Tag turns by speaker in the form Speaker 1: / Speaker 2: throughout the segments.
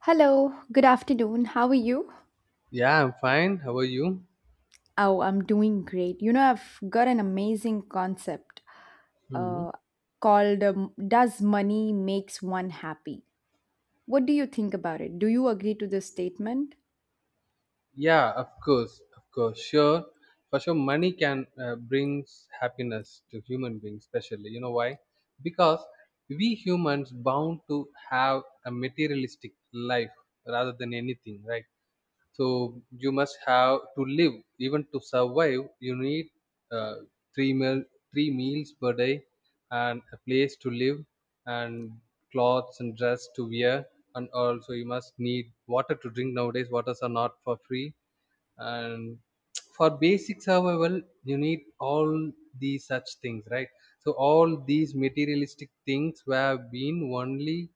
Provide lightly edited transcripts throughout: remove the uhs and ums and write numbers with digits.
Speaker 1: Hello, good afternoon. How are you?
Speaker 2: Yeah, I'm fine. How are you?
Speaker 1: Oh, I'm doing great. You know, I've got an amazing concept
Speaker 2: Hmm.
Speaker 1: uh, called does money makes one happy? What do you think about it? Do you agree to this statement?
Speaker 2: Yeah, of course, sure. For sure, money can brings happiness to human beings, especially. You know why? Because we humans bound to have a materialistic life rather than anything, right? So you must have to live, even to survive. You need uh, three meal, three meals per day, and a place to live, and clothes and dress to wear, and also you must need water to drink. Nowadays, waters are not for free, and for basic survival, you need all these such things, right? So all these materialistic things were been only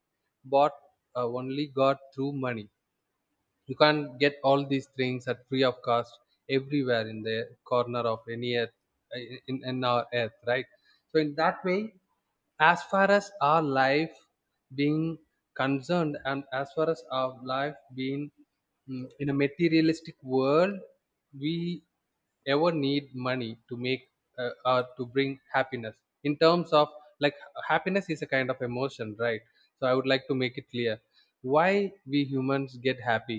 Speaker 2: bought, only got through money. You can't get all these things at free of cost everywhere in the corner of any earth, uh, in our earth, right? So in that way, as far as our life being concerned, and as far as our life being in a materialistic world, we ever need money to make or to bring happiness in terms of, like, happiness is a kind of emotion, right? So I would like to make it clear why we humans get happy,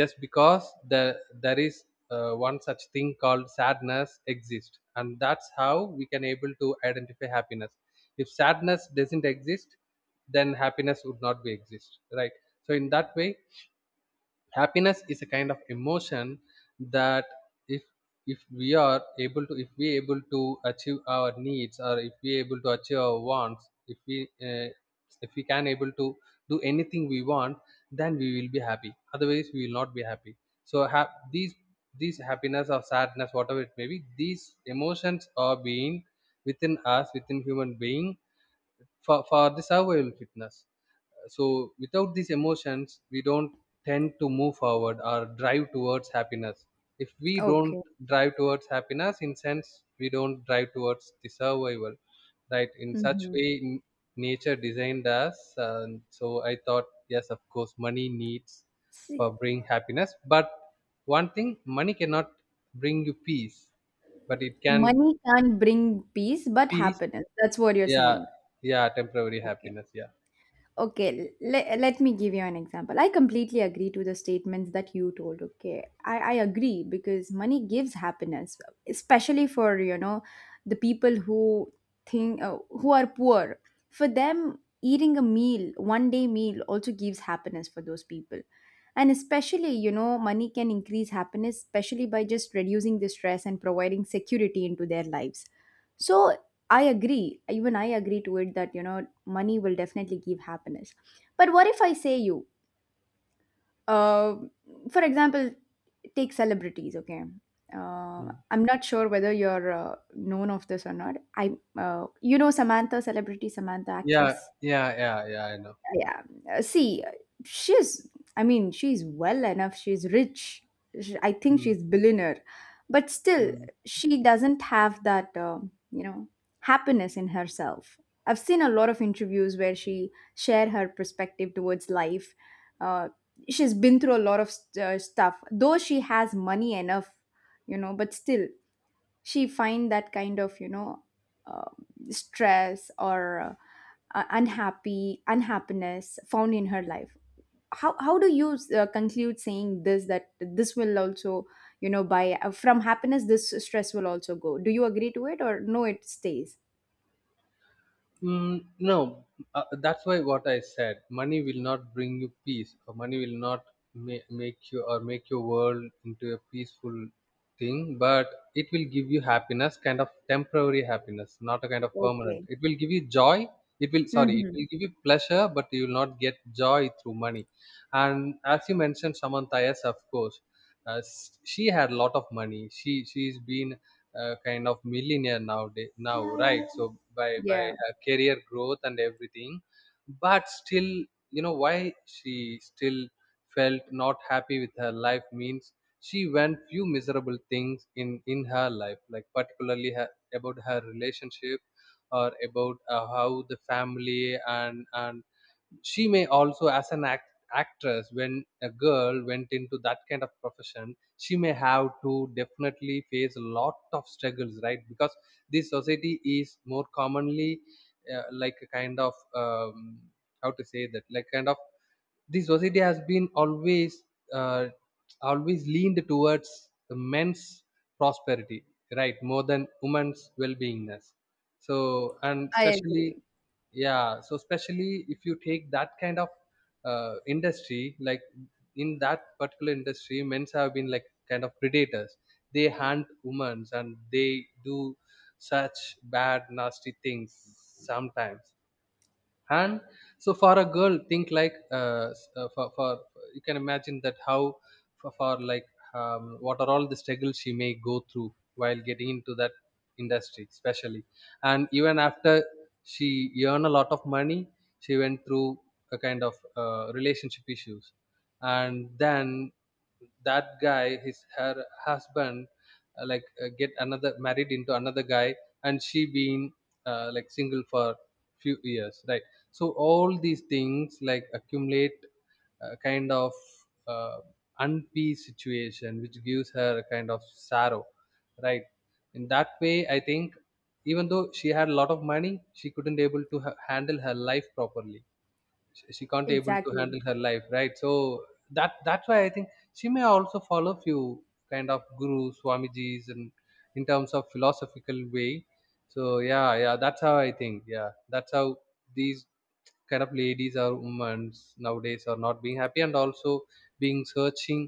Speaker 2: just because there is one such thing called sadness exists, and that's how we can able to identify happiness. If sadness doesn't exist, then happiness would not be exist, right? So in that way, happiness is a kind of emotion that, if if we are able to if we able to achieve our needs, or if we able to achieve our wants, uh, if we can able to do anything we want, then we will be happy, otherwise we will not be happy. So have these these happiness or sadness, whatever it may be, these emotions are being within us, within human being, for the survival fitness. So without these emotions, we don't tend to move forward or drive towards happiness. If we don't
Speaker 1: Okay.
Speaker 2: drive towards happiness, in sense, we don't drive towards the survival, right? In such
Speaker 1: Mhm.
Speaker 2: way, nature designed us. And so I thought, yes, of course, money needs
Speaker 1: See,
Speaker 2: for bring happiness. But one thing, money cannot bring you peace, but it can
Speaker 1: money can't bring peace, but
Speaker 2: peace.
Speaker 1: happiness. That's what you're
Speaker 2: Yeah,
Speaker 1: saying.
Speaker 2: yeah, temporary
Speaker 1: Okay.
Speaker 2: happiness. Yeah.
Speaker 1: Okay, let me give you an example. I completely agree to the statements that you told. Okay, I agree because money gives happiness, especially, for you know, the people who think who are poor. For them, eating a meal, one day meal, also gives happiness for those people. And especially, you know, money can increase happiness, especially by just reducing the stress and providing security into their lives. So I agree, even I agree to it that, you know, money will definitely give happiness, but what if I say you, uh, for example, take celebrities. Okay. uh,
Speaker 2: Hmm.
Speaker 1: I'm not sure whether you're known of this or not I you know, Samantha, celebrity Samantha,
Speaker 2: Yeah,
Speaker 1: actress.
Speaker 2: yeah, yeah, yeah. I know.
Speaker 1: Yeah. See, she's, I mean, she's well enough, she's rich. Sh I think
Speaker 2: Mm,
Speaker 1: she's billionaire, but still
Speaker 2: mm.
Speaker 1: she doesn't have that, you know, happiness in herself. I've seen a lot of interviews where she share her perspective towards life. uh, she's been through a lot of stuff, though she has money enough, you know, but still she find that kind of, you know, uh, stress or unhappy unhappiness found in her life. How do you conclude saying this that this will also, you know, by from happiness, this stress will also go? Do you agree to it or no, it stays?
Speaker 2: Mm, no, that's why what I said. Money will not bring you peace. Or money will not make you or make your world into a peaceful thing. But it will give you happiness, kind of temporary happiness, not a kind of permanent.
Speaker 1: Okay.
Speaker 2: It will give you joy. It will sorry, it
Speaker 1: Hmm.
Speaker 2: will give you pleasure, but you will not get joy through money. And as you mentioned, Samantha, yes, of course. She had a lot of money. She's been kind of millionaire nowadays now, right? So by
Speaker 1: Yeah,
Speaker 2: her career growth and everything, but still, you know, why she still felt not happy with her life means she went few miserable things in her life, like particularly her, about her relationship, or about how the family, and she may also as actress. When a girl went into that kind of profession, she may have to definitely face a lot of struggles, right? Because this society is more commonly like a kind of how to say that, like, kind of this society has been always uh, always leaned towards the men's prosperity, right, more than women's well-beingness. So and
Speaker 1: I
Speaker 2: especially,
Speaker 1: agree.
Speaker 2: yeah, so especially if you take that kind of industry, like in that particular industry, men's have been like kind of predators. They hunt women and they do such bad nasty things sometimes. And so for a girl, think like s- for you can imagine that how for like what are all the struggles she may go through while getting into that industry, especially. And even after she earned a lot of money, she went through a kind of relationship issues. And then that guy, his her husband, get another married into another guy, and she being like single for few years, right? So all these things like accumulate a kind of uh, unpeace situation, which gives her a kind of sorrow, right? In that way, I think even though she had a lot of money, she couldn't able to handle her life properly. She can't able to
Speaker 1: Exactly.
Speaker 2: handle her life, right? So that that's why I think she may also follow few kind of guru swamiji's, and in terms of philosophical way. So yeah, yeah, that's how I think. Yeah, that's how these kind of ladies or women nowadays are not being happy, and also being searching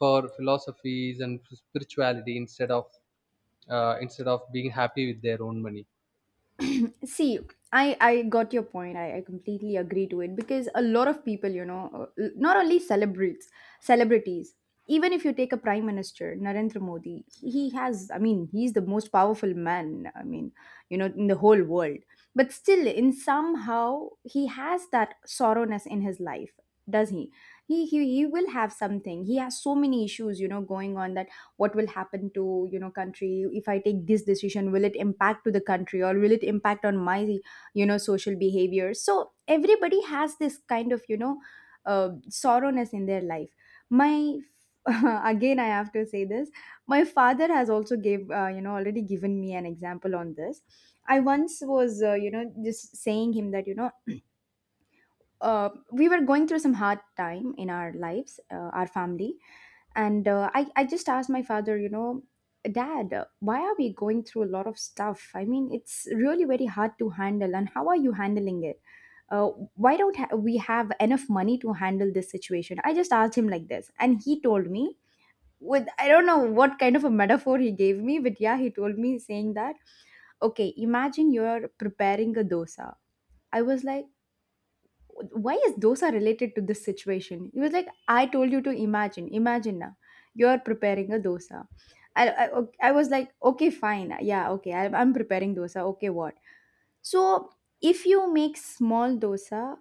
Speaker 2: for philosophies and spirituality instead of being happy with their own money.
Speaker 1: See, I got your point. I completely agree to it because a lot of people, you know, not only celebrates celebrities, even if you take a prime minister, Narendra Modi, he has, I mean, he's the most powerful man, I mean, you know, in the whole world, but still in somehow he has that sorrowness in his life. Does he? He will have something. He has so many issues, you know, going on, that what will happen to, you know, country. If I take this decision, will it impact to the country or will it impact on my, you know, social behavior? So everybody has this kind of, you know, sorrowness in their life. My again, I have to say this. My father has also gave, you know, already given me an example on this. I once was, you know, just saying him that, you know, we were going through some hard time in our lives, our family, and I just asked my father, you know, dad, why are we going through a lot of stuff? I mean, it's really very hard to handle. And how are you handling it? uh, why don't we have enough money to handle this situation? I just asked him like this, and he told me, with, I don't know what kind of a metaphor he gave me, but yeah, he told me saying that okay, imagine you're preparing a dosa. I was like, why is dosa related to this situation? He was like, I told you to imagine. Imagine now, you're preparing a dosa. I was like, okay, fine, yeah, okay, I'm preparing dosa, okay, what? So if you make small dosa,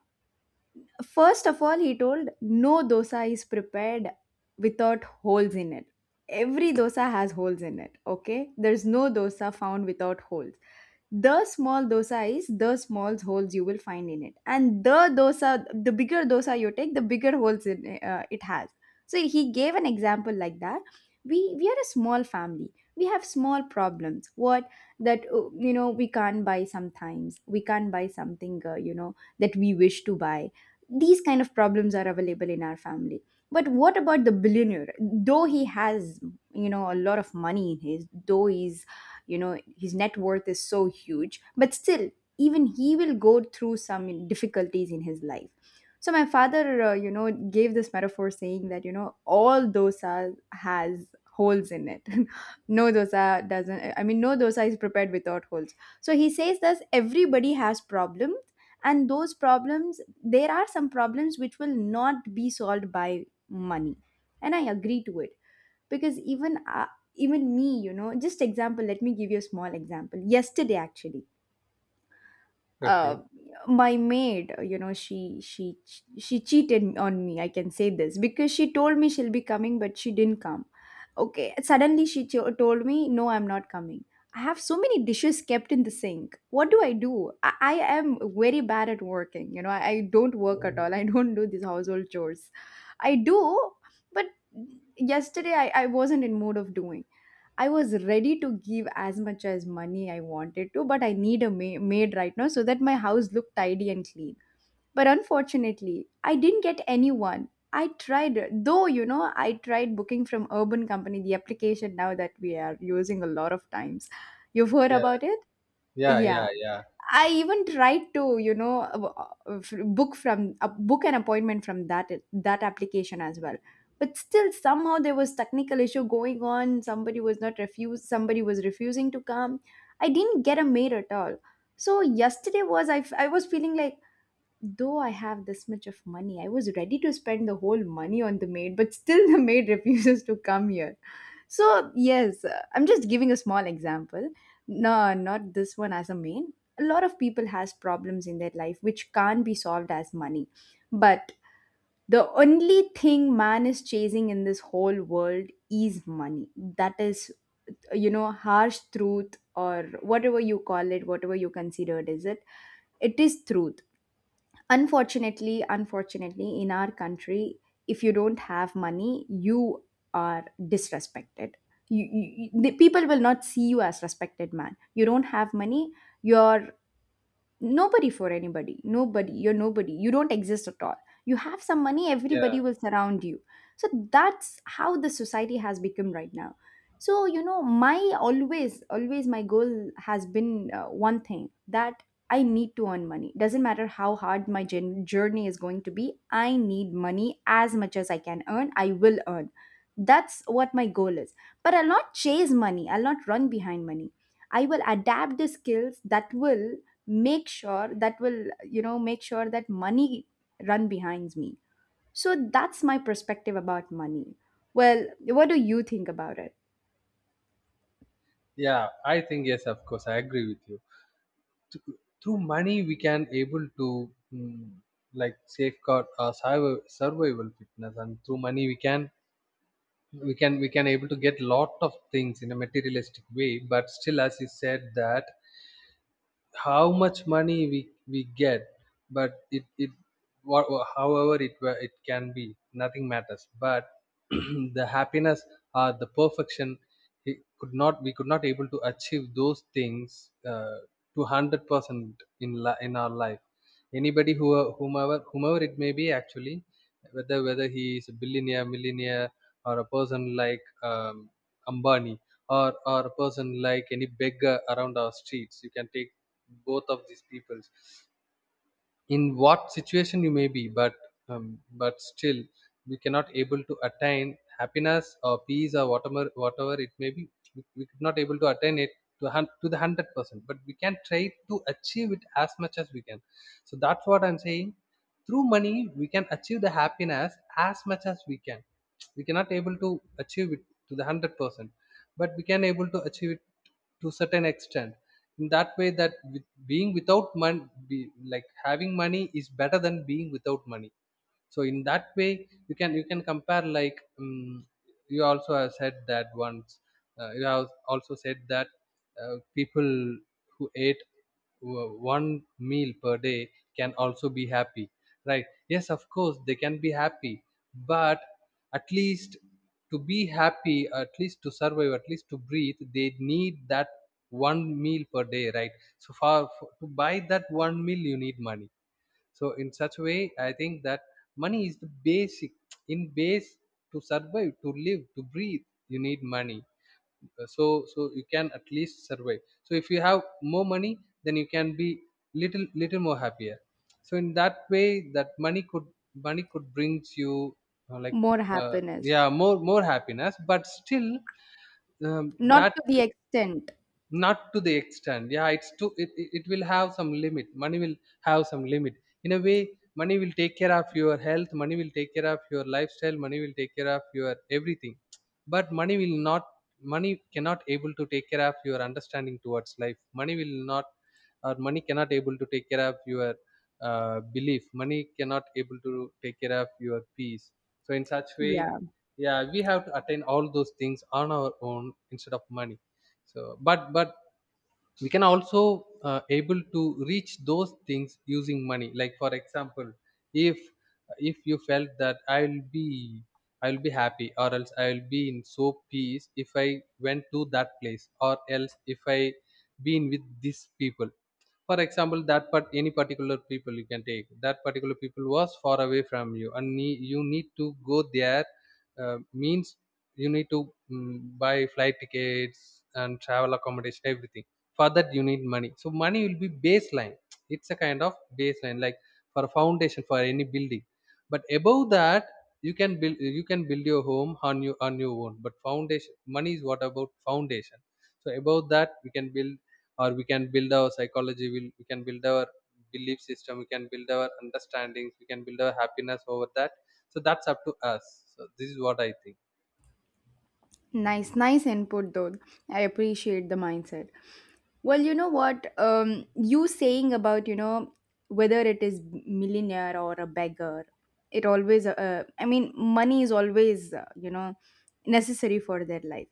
Speaker 1: first of all, he told, no dosa is prepared without holes in it. Every dosa has holes in it. Okay, there's no dosa found without holes. The small dosa is the small holes you will find in it, and the bigger dosa you take, the bigger holes it has. So he gave an example like that. We are a small family, we have small problems, what, that, you know, we can't buy sometimes, we can't buy something, you know, that we wish to buy. These kind of problems are available in our family, but what about the billionaire? Though he has, you know, a lot of money in his, though he's, you know, his net worth is so huge, but still even he will go through some difficulties in his life. So my father, you know, gave this metaphor saying that, you know, all dosa has holes in it. No dosa doesn't, I mean, no dosa is prepared without holes. So he says that everybody has problems, and those problems, there are some problems which will not be solved by money, and I agree to it, because even me, you know, just example, let me give you a small example. Yesterday, actually, uh,
Speaker 2: Okay,
Speaker 1: my maid, you know, she cheated on me. I can say this because she told me she'll be coming, but she didn't come. Okay, suddenly she told me, no, I'm not coming. I have so many dishes kept in the sink, what do I do? I am very bad at working, you know, I don't work at all. I don't do these household chores. I do, but yesterday I wasn't in mood of doing. I was ready to give as much as money I wanted to, but I need a maid right now so that my house looked tidy and clean. But unfortunately, I didn't get anyone. I tried, though, you know, I tried booking from Urban Company, the application now that we are using a lot of times. You've heard
Speaker 2: yeah,
Speaker 1: about it?
Speaker 2: yeah, yeah,
Speaker 1: Yeah.
Speaker 2: yeah,
Speaker 1: I even tried to, you know, book from, book an appointment from that application as well. But still, somehow there was technical issue going on. Somebody was not refused. Somebody was refusing to come. I didn't get a mail at all. So yesterday was, I was feeling like, though I have this much of money, I was ready to spend the whole money on the maid, but still the maid refuses to come here. So, yes, I'm just giving a small example. No, not this one as a main. A lot of people has problems in their life which can't be solved as money. But the only thing man is chasing in this whole world is money. That is, you know, harsh truth or whatever you call it, whatever you consider it, is it? It is truth. Unfortunately, unfortunately, in our country, if you don't have money, you are disrespected. The people will not see you as respected man. You don't have money, you're nobody for anybody. Nobody. You're nobody. You don't exist at all. You have some money,
Speaker 2: yeah.
Speaker 1: everybody will surround you. So that's how the society has become right now. So, you know, my always always my goal has been, one thing that I need to earn money. Doesn't matter how hard my journey is going to be, I need money as much as I can earn. I will earn. That's what my goal is. But I'll not chase money, I'll not run behind money. I will adapt the skills that will make sure that will, you know, make sure that money run behind me. So that's my perspective about money. Well, what do you think about it?
Speaker 2: Yeah, I think yes, of course, I agree with you. Th- Through money we can able to like safeguard our survival fitness. And through money we can we can able to get lot of things in a materialistic way. But still, as you said that, how much money we get, but it what, however it can be, nothing matters but the happiness or the perfection, it could not, we could not able to achieve those things to 100% in our life. Anybody who, whomever it may be, actually, whether he is a billionaire, millionaire, or a person like Ambani, or a person like any beggar around our streets. You can take both of these people, in what situation you may be, but still we cannot able to attain happiness or peace or whatever, whatever it may be, we could not able to attain it to, to the 100%, but we can try to achieve it as much as we can. So that's what I'm saying. Through money we can achieve the happiness as much as we can. We cannot able to achieve it to the 100%, but we can able to achieve it to certain extent. In that way, that with being without money, like having money is better than being without money. So in that way, you can, you can compare like you also have said that once, you have also said that, people who ate one meal per day can also be happy, right? Yes, of course they can be happy. But at least to be happy, at least to survive, at least to breathe, they need that one meal per day, right? So far to buy that one meal, you need money. So in such way, I think that money is the basic in base. To survive, to live, to breathe, you need money. So so you can at least survive. So if you have more money, then you can be little, little more happier. So in that way, that money could, money could brings you uh, like
Speaker 1: More
Speaker 2: uh,
Speaker 1: happiness.
Speaker 2: yeah, more, more happiness, but still, um,
Speaker 1: Not
Speaker 2: that,
Speaker 1: to the extent.
Speaker 2: not to the extent. Yeah, it's too, it will have some limit. Money will have some limit in a way. Money will take care of your health, money will take care of your lifestyle, money will take care of your everything. But money will not, money cannot able to take care of your understanding towards life. Money will not, or money cannot able to take care of your belief. Money cannot able to take care of your peace. So in such way,
Speaker 1: Yeah.
Speaker 2: yeah, we have to attain all those things on our own instead of money. So, but we can also able to reach those things using money, like for example, if you felt that I'll be happy, or else I'll be in so peace if I went to that place, or else if I been with these people, for example, that part any particular people, you can take that particular people was far away from you and you need to go there, means you need to buy flight tickets and travel accommodation everything. For that, you need money. So money will be baseline. It's a kind of baseline, like for a foundation for any building. But above that, you can build your home on your own. But foundation money is what about foundation. So above that, we can build, or we can build our psychology, we can build our belief system, we can build our understandings, we can build our happiness over that. So that's up to us. So this is what I think.
Speaker 1: Nice, nice input though. I appreciate the mindset. Well, you know what? You saying about, you know, whether it is millionaire or a beggar, it always, I mean, money is always, you know, necessary for their life.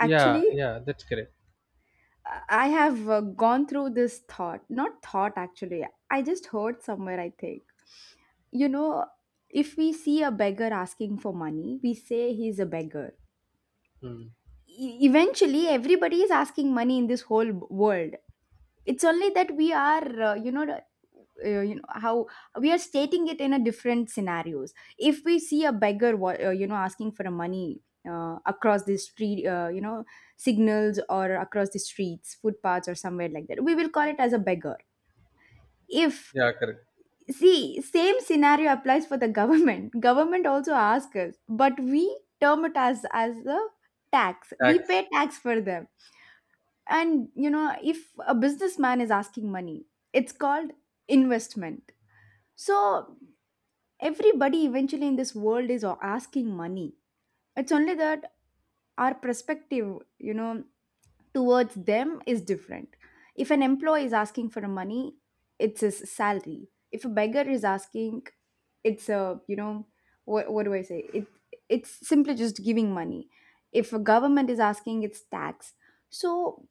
Speaker 2: Yeah, yeah, that's correct.
Speaker 1: I have gone through this thought, not thought, actually, I just heard somewhere, I think. You know, if we see a beggar asking for money, we say he's a beggar.
Speaker 2: Hmm.
Speaker 1: Eventually, everybody is asking money in this whole world. It's only that we are, you know, you know, how we are stating it in a different scenarios. If we see a beggar you know, asking for a money, across the street, you know, signals or across the streets, footpaths or somewhere like that, we will call it as a beggar. If,
Speaker 2: Yeah, correct.
Speaker 1: see, same scenario applies for the government. Government also asks us, but we term it as a tax. We
Speaker 2: Tax.
Speaker 1: pay tax for them. And you know, if a businessman is asking money, it's called investment. So everybody eventually in this world is asking money. It's only that our perspective, you know, towards them is different. If an employee is asking for money, it's his salary. If a beggar is asking, it's a, you know, what do I say it, it's simply just giving money. If a government is asking, it's tax. So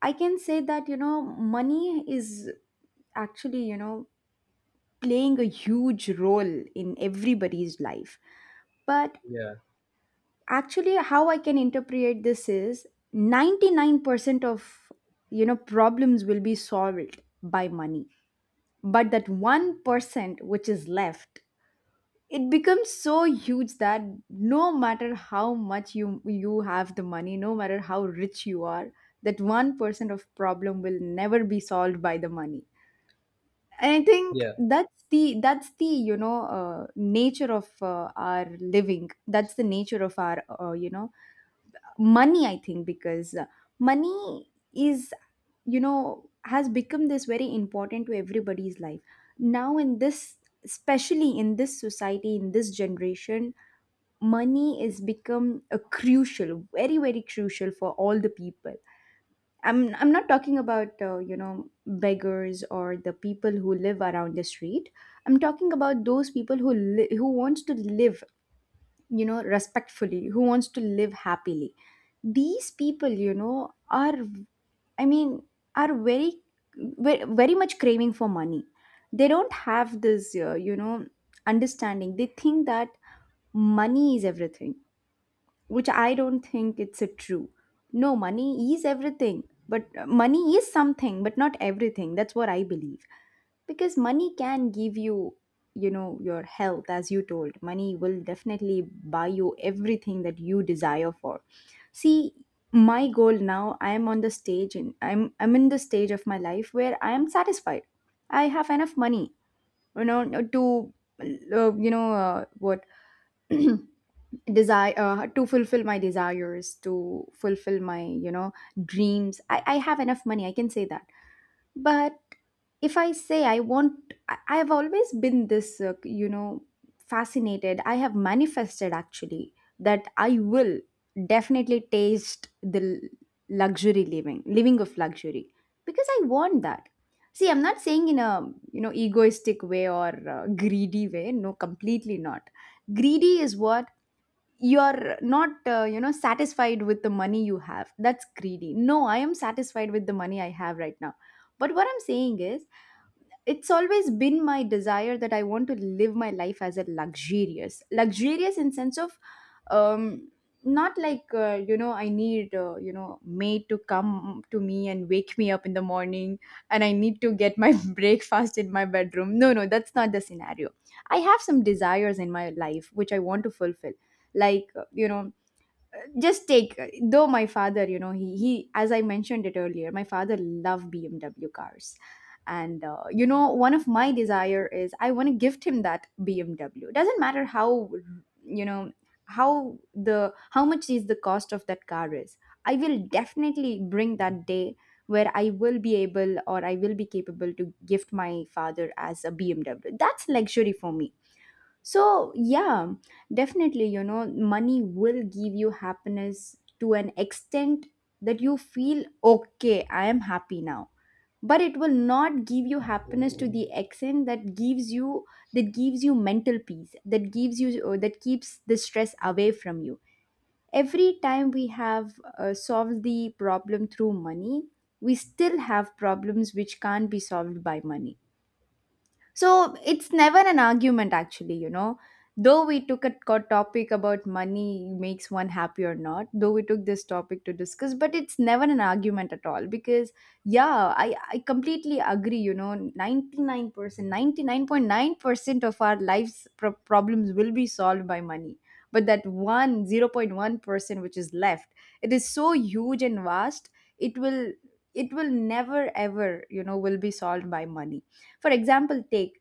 Speaker 1: I can say that, you know, money is actually, you know, playing a huge role in everybody's life. But
Speaker 2: Yeah,
Speaker 1: actually, how I can interpret this is 99% of problems will be solved by money. But that 1% which is left, it becomes so huge that no matter how much you have the money, no matter how rich you are, that 1% of problem will never be solved by the money. And I think
Speaker 2: yeah.
Speaker 1: that's the nature of our living. That's the nature of our money. I think because money is you know has become this very important to everybody's life now, in this especially in this society, in this generation, money is become a crucial, very very crucial for all the people. I'm not talking about beggars or the people who live around the street. I'm talking about those people who wants to live respectfully, who wants to live happily. These people, are I mean are very very much craving for money. They don't have this understanding. They think that money is everything, which I don't think it's a true. No, money is everything, but money is something, but not everything. That's what I believe. Because money can give you your health, as you told. Money will definitely buy you everything that you desire for. See, my goal now, I am on the stage, and I'm in the stage of my life where I am satisfied. I have enough money, to you know what desire to fulfill my desires, to fulfill my dreams. I have enough money, I can say that. But if I say I want I have always been this fascinated, I have manifested actually that I will definitely taste the luxury living of luxury, because I want that. See, I'm not saying in a egoistic way or greedy way. No, completely not. Greedy is what, you're not satisfied with the money you have, that's greedy. No, I am satisfied with the money I have right now. But what I'm saying is, it's always been my desire that I want to live my life as a luxurious in sense of, um, not like I need maid to come to me and wake me up in the morning, and I need to get my breakfast in my bedroom. No, no, that's not the scenario. I have some desires in my life which I want to fulfill, like just take though, my father, he as I mentioned it earlier, my father loved bmw cars. And one of my desire is, I want to gift him that bmw. Doesn't matter how you know how the how much is the cost of that car is, I will definitely bring that day where I will be able, or I will be capable to gift my father as a bmw. That's luxury for me. So, yeah, definitely, money will give you happiness to an extent that you feel okay, I am happy now. But it will not give you happiness to the extent that gives you mental peace, that gives you or that keeps the stress away from you. Every time we have solved the problem through money, we still have problems which can't be solved by money. So it's never an argument, actually. Though we took a topic about money makes one happy or not, though we took this topic to discuss, but it's never an argument at all because, yeah, I completely agree. 99%, 99.9% of our life's problems will be solved by money. But that one 0.1% which is left, it is so huge and vast, it will, it will never ever, will be solved by money. For example, take,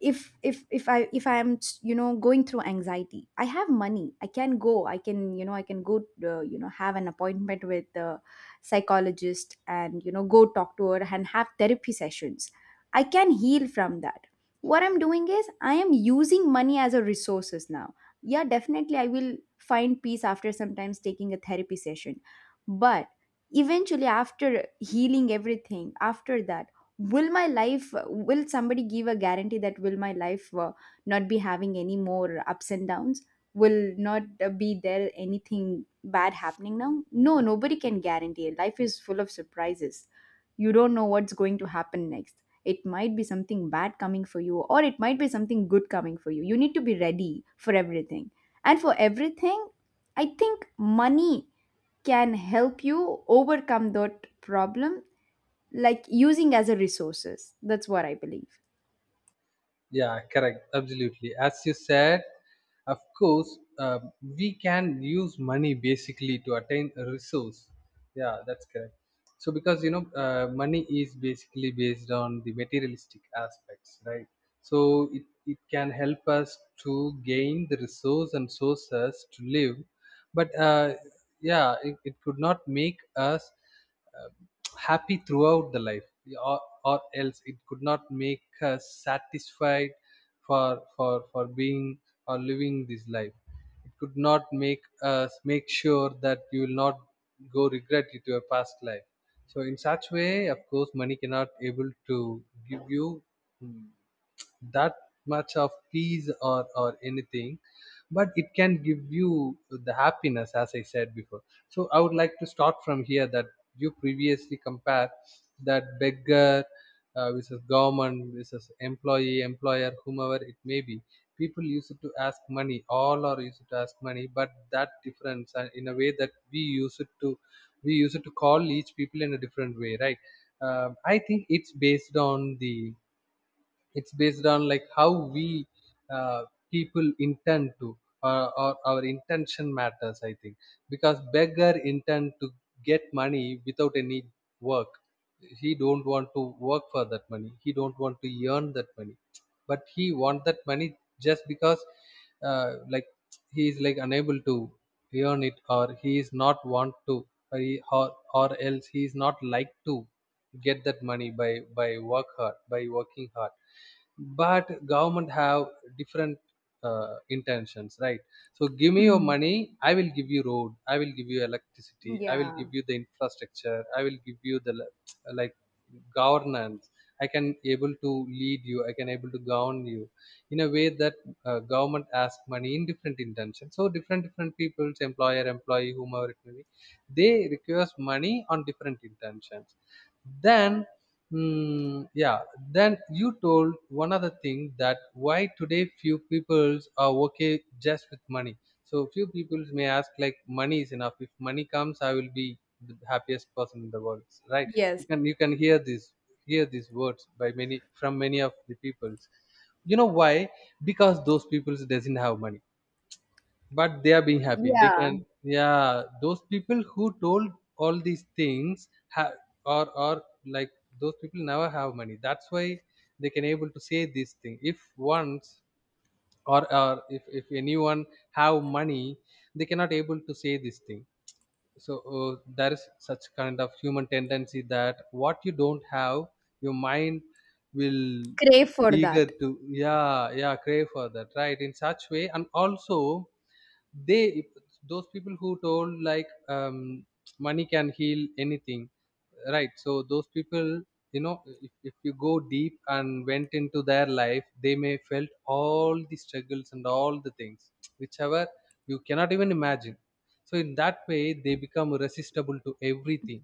Speaker 1: if I am going through anxiety, I have money, I can go, I can go have an appointment with the psychologist, and go talk to her and have therapy sessions. I can heal from that. What I'm doing is, I am using money as a resources. Now, yeah, definitely I will find peace after sometimes taking a therapy session. But eventually, after healing everything, after that, will my life will somebody give a guarantee that will my life not be having any more ups and downs, will not be there anything bad happening now? No, nobody can guarantee. Life is full of surprises. You don't know what's going to happen next. It might be something bad coming for you, or it might be something good coming for You need to be ready for everything. And for everything, I think money can help you overcome that problem, like using as a resources. That's what I believe.
Speaker 2: Yeah, correct. Absolutely. As you said, of course, we can use money basically to attain a resource. Yeah, that's correct. So, money is basically based on the materialistic aspects, right? So, it can help us to gain the resource and sources to live. But yeah, it could not make us uh, happy throughout the life or, or else it could not make us satisfied for being or living this life. It could not make us make sure that you will not go regret it your past life. So in such way, of course money cannot able to give you mm, that much of peace or anything, but it can give you the happiness as I said before. So I would like to start from here that you previously compare that beggar, versus government versus employee employer, whomever it may be. People used to ask money, all are used to ask money, but that difference, in a way that we use it to, we use it to call each people in a different way, right? I think it's based on the, it's based on like how we, uh, people intend to, or our intention matters, I think. Because beggar intend to get money without any work. He don't want to work for that money, he don't want to earn that money, but he want that money just because, like, he is like unable to earn it, or he is not want to, or else he is not like to get that money by work hard, by working hard. But government have different, intentions, right? So, give me your
Speaker 1: Hmm.
Speaker 2: money, I will give you road, I will give you electricity, I will
Speaker 1: Yeah.
Speaker 2: give you the infrastructure, I will give you the like governance. I can able to lead you, I can able to govern you in a way that, government asks money in different intentions. So different different people's, employer, employee, whomever it may be, they request money on different intentions. then, yeah, then you told one other thing, that why today few peoples are okay just with money. So few peoples may ask like money is enough. If money comes, I will be the happiest person in the world, right? You
Speaker 1: Yes.
Speaker 2: can, you can hear this, hear these words by many, from many of the peoples. You know why? Because those peoples doesn't have money, but they are being happy, they
Speaker 1: Yeah,
Speaker 2: can, yeah, those people who told all these things or are like, those people never have money, that's why they can able to say this thing. If once, or if anyone have money, they cannot able to say this thing. So there is such kind of human tendency that what you don't have, your mind will
Speaker 1: crave for
Speaker 2: eager
Speaker 1: that.
Speaker 2: to, yeah, yeah, crave for that, right? In such way, and also they, those people who told like, money can heal anything, right? So those people, you know, if you go deep and went into their life, they may felt all the struggles and all the things whichever you cannot even imagine. So in that way they become resistible to everything.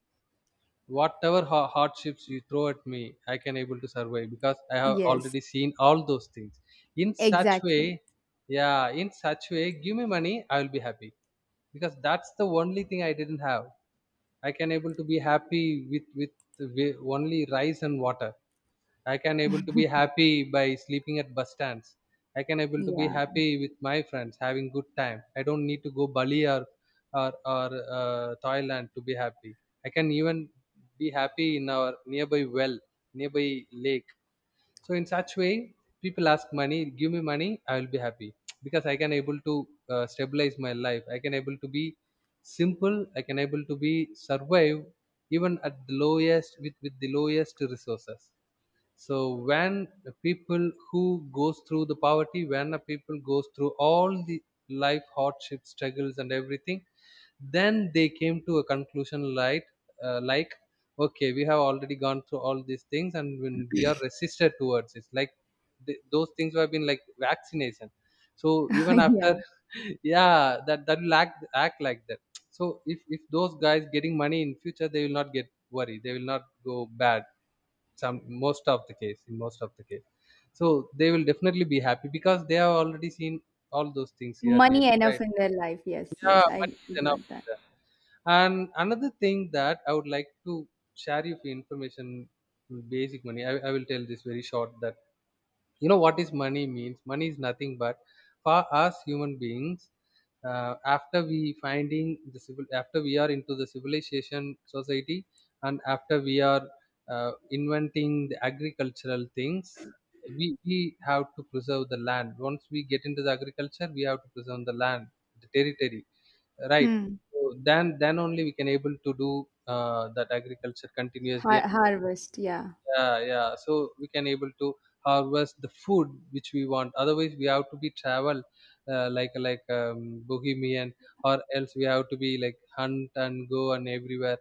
Speaker 2: Whatever hardships you throw at me, I can able to survive because I have
Speaker 1: Yes,
Speaker 2: already seen all those things. In such
Speaker 1: exactly.
Speaker 2: way, yeah, in such way, give me money, I will be happy, because that's the only thing I didn't have. I can able to be happy with, with only rice and water. I can able to be happy by sleeping at bus stands. I can able to be
Speaker 1: Yeah.
Speaker 2: happy with my friends, having good time. I don't need to go Bali or, or Thailand to be happy. I can even be happy in our nearby well, nearby lake. So in such way, people ask money, give me money, I will be happy, because I can able to stabilize my life. I can able to be simple. I can able to be survive even at the lowest, with the lowest resources. So when the people who goes through the poverty, when the people goes through all the life hardships, struggles and everything, then they came to a conclusion like, uh, like okay, we have already gone through all these things, and when we are resisted towards it, like those things have been like vaccination. So even after
Speaker 1: Yeah,
Speaker 2: yeah, that act like that. So if those guys getting money in future, they will not get worried, they will not go bad, some most of the case, in most of the case. So they will definitely be happy because they have already seen all those things yearly.
Speaker 1: money enough
Speaker 2: Right.
Speaker 1: in their life. Yes,
Speaker 2: Yeah,
Speaker 1: yes, I
Speaker 2: money is
Speaker 1: got
Speaker 2: enough for
Speaker 1: that.
Speaker 2: them. And another thing that I would like to share you for information, basic money, I will tell this very short, that you know what is money means. Money is nothing but, for us human beings, after we finding the civil, after we are into the civilization society, and after we are inventing the agricultural things, we have to preserve the land, once we get into the agriculture we have to preserve the land, the territory, right?
Speaker 1: Hmm.
Speaker 2: So then only we can able to do that agriculture continuously.
Speaker 1: Harvest, yeah.
Speaker 2: Yeah, yeah. So we can able to harvest the food which we want, otherwise we have to be travel, like bohemian, or else we have to be like hunt and go and everywhere,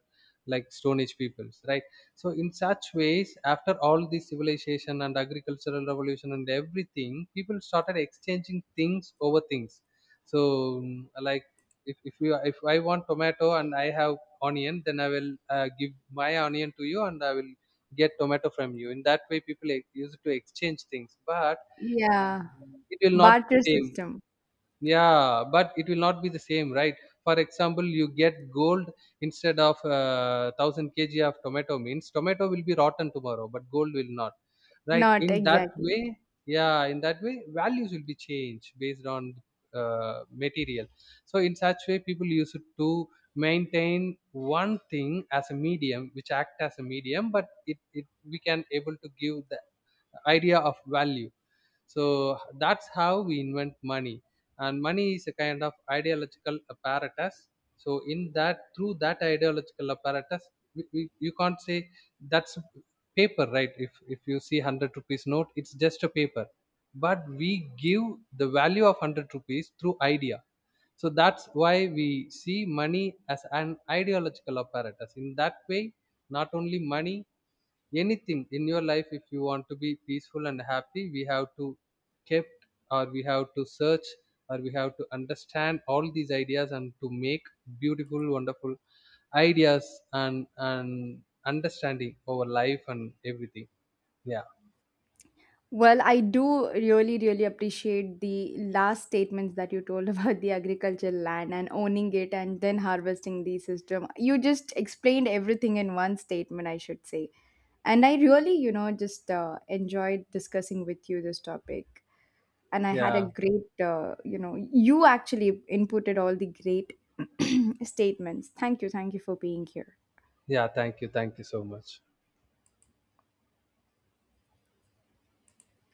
Speaker 2: like stone age peoples, right? So in such ways, after all this civilization and agricultural revolution and everything, people started exchanging things over things. So, like, if I want tomato and I have onion, then I will give my onion to you and I will get tomato from you. In that way people use it to exchange things, but
Speaker 1: Yeah,
Speaker 2: it will not
Speaker 1: barter
Speaker 2: be same.
Speaker 1: system.
Speaker 2: Yeah, but it will not be the same, right? For example, you get gold instead of 1000 kg of tomato, means tomato will be rotten tomorrow, but gold will not, right?
Speaker 1: Not
Speaker 2: In that
Speaker 1: exactly.
Speaker 2: way, yeah, in that way values will be changed based on material. So in such way people use it to maintain one thing as a medium, which act as a medium, but it we can able to give the idea of value. So that's how we invent money. And money is a kind of ideological apparatus. So in that, through that ideological apparatus, you can't say that's paper, right? If you see 100 rupees note, it's just a paper, but we give the value of 100 rupees through idea. So that's why we see money as an ideological apparatus, in that way. Not only money, anything in your life, if you want to be peaceful and happy, we have to kept, or we have to search, or we have to understand all these ideas, and to make beautiful, wonderful ideas and understanding over life and everything. Yeah.
Speaker 1: Well, I do really, really appreciate the last statements that you told about the agricultural land and owning it and then harvesting the system. You just explained everything in one statement, I should say. And I really, just enjoyed discussing with you this topic. And I had a
Speaker 2: Yeah,
Speaker 1: great, you actually inputted all the great statements. Thank you. Thank you for being here.
Speaker 2: yeah, thank you, thank you so much.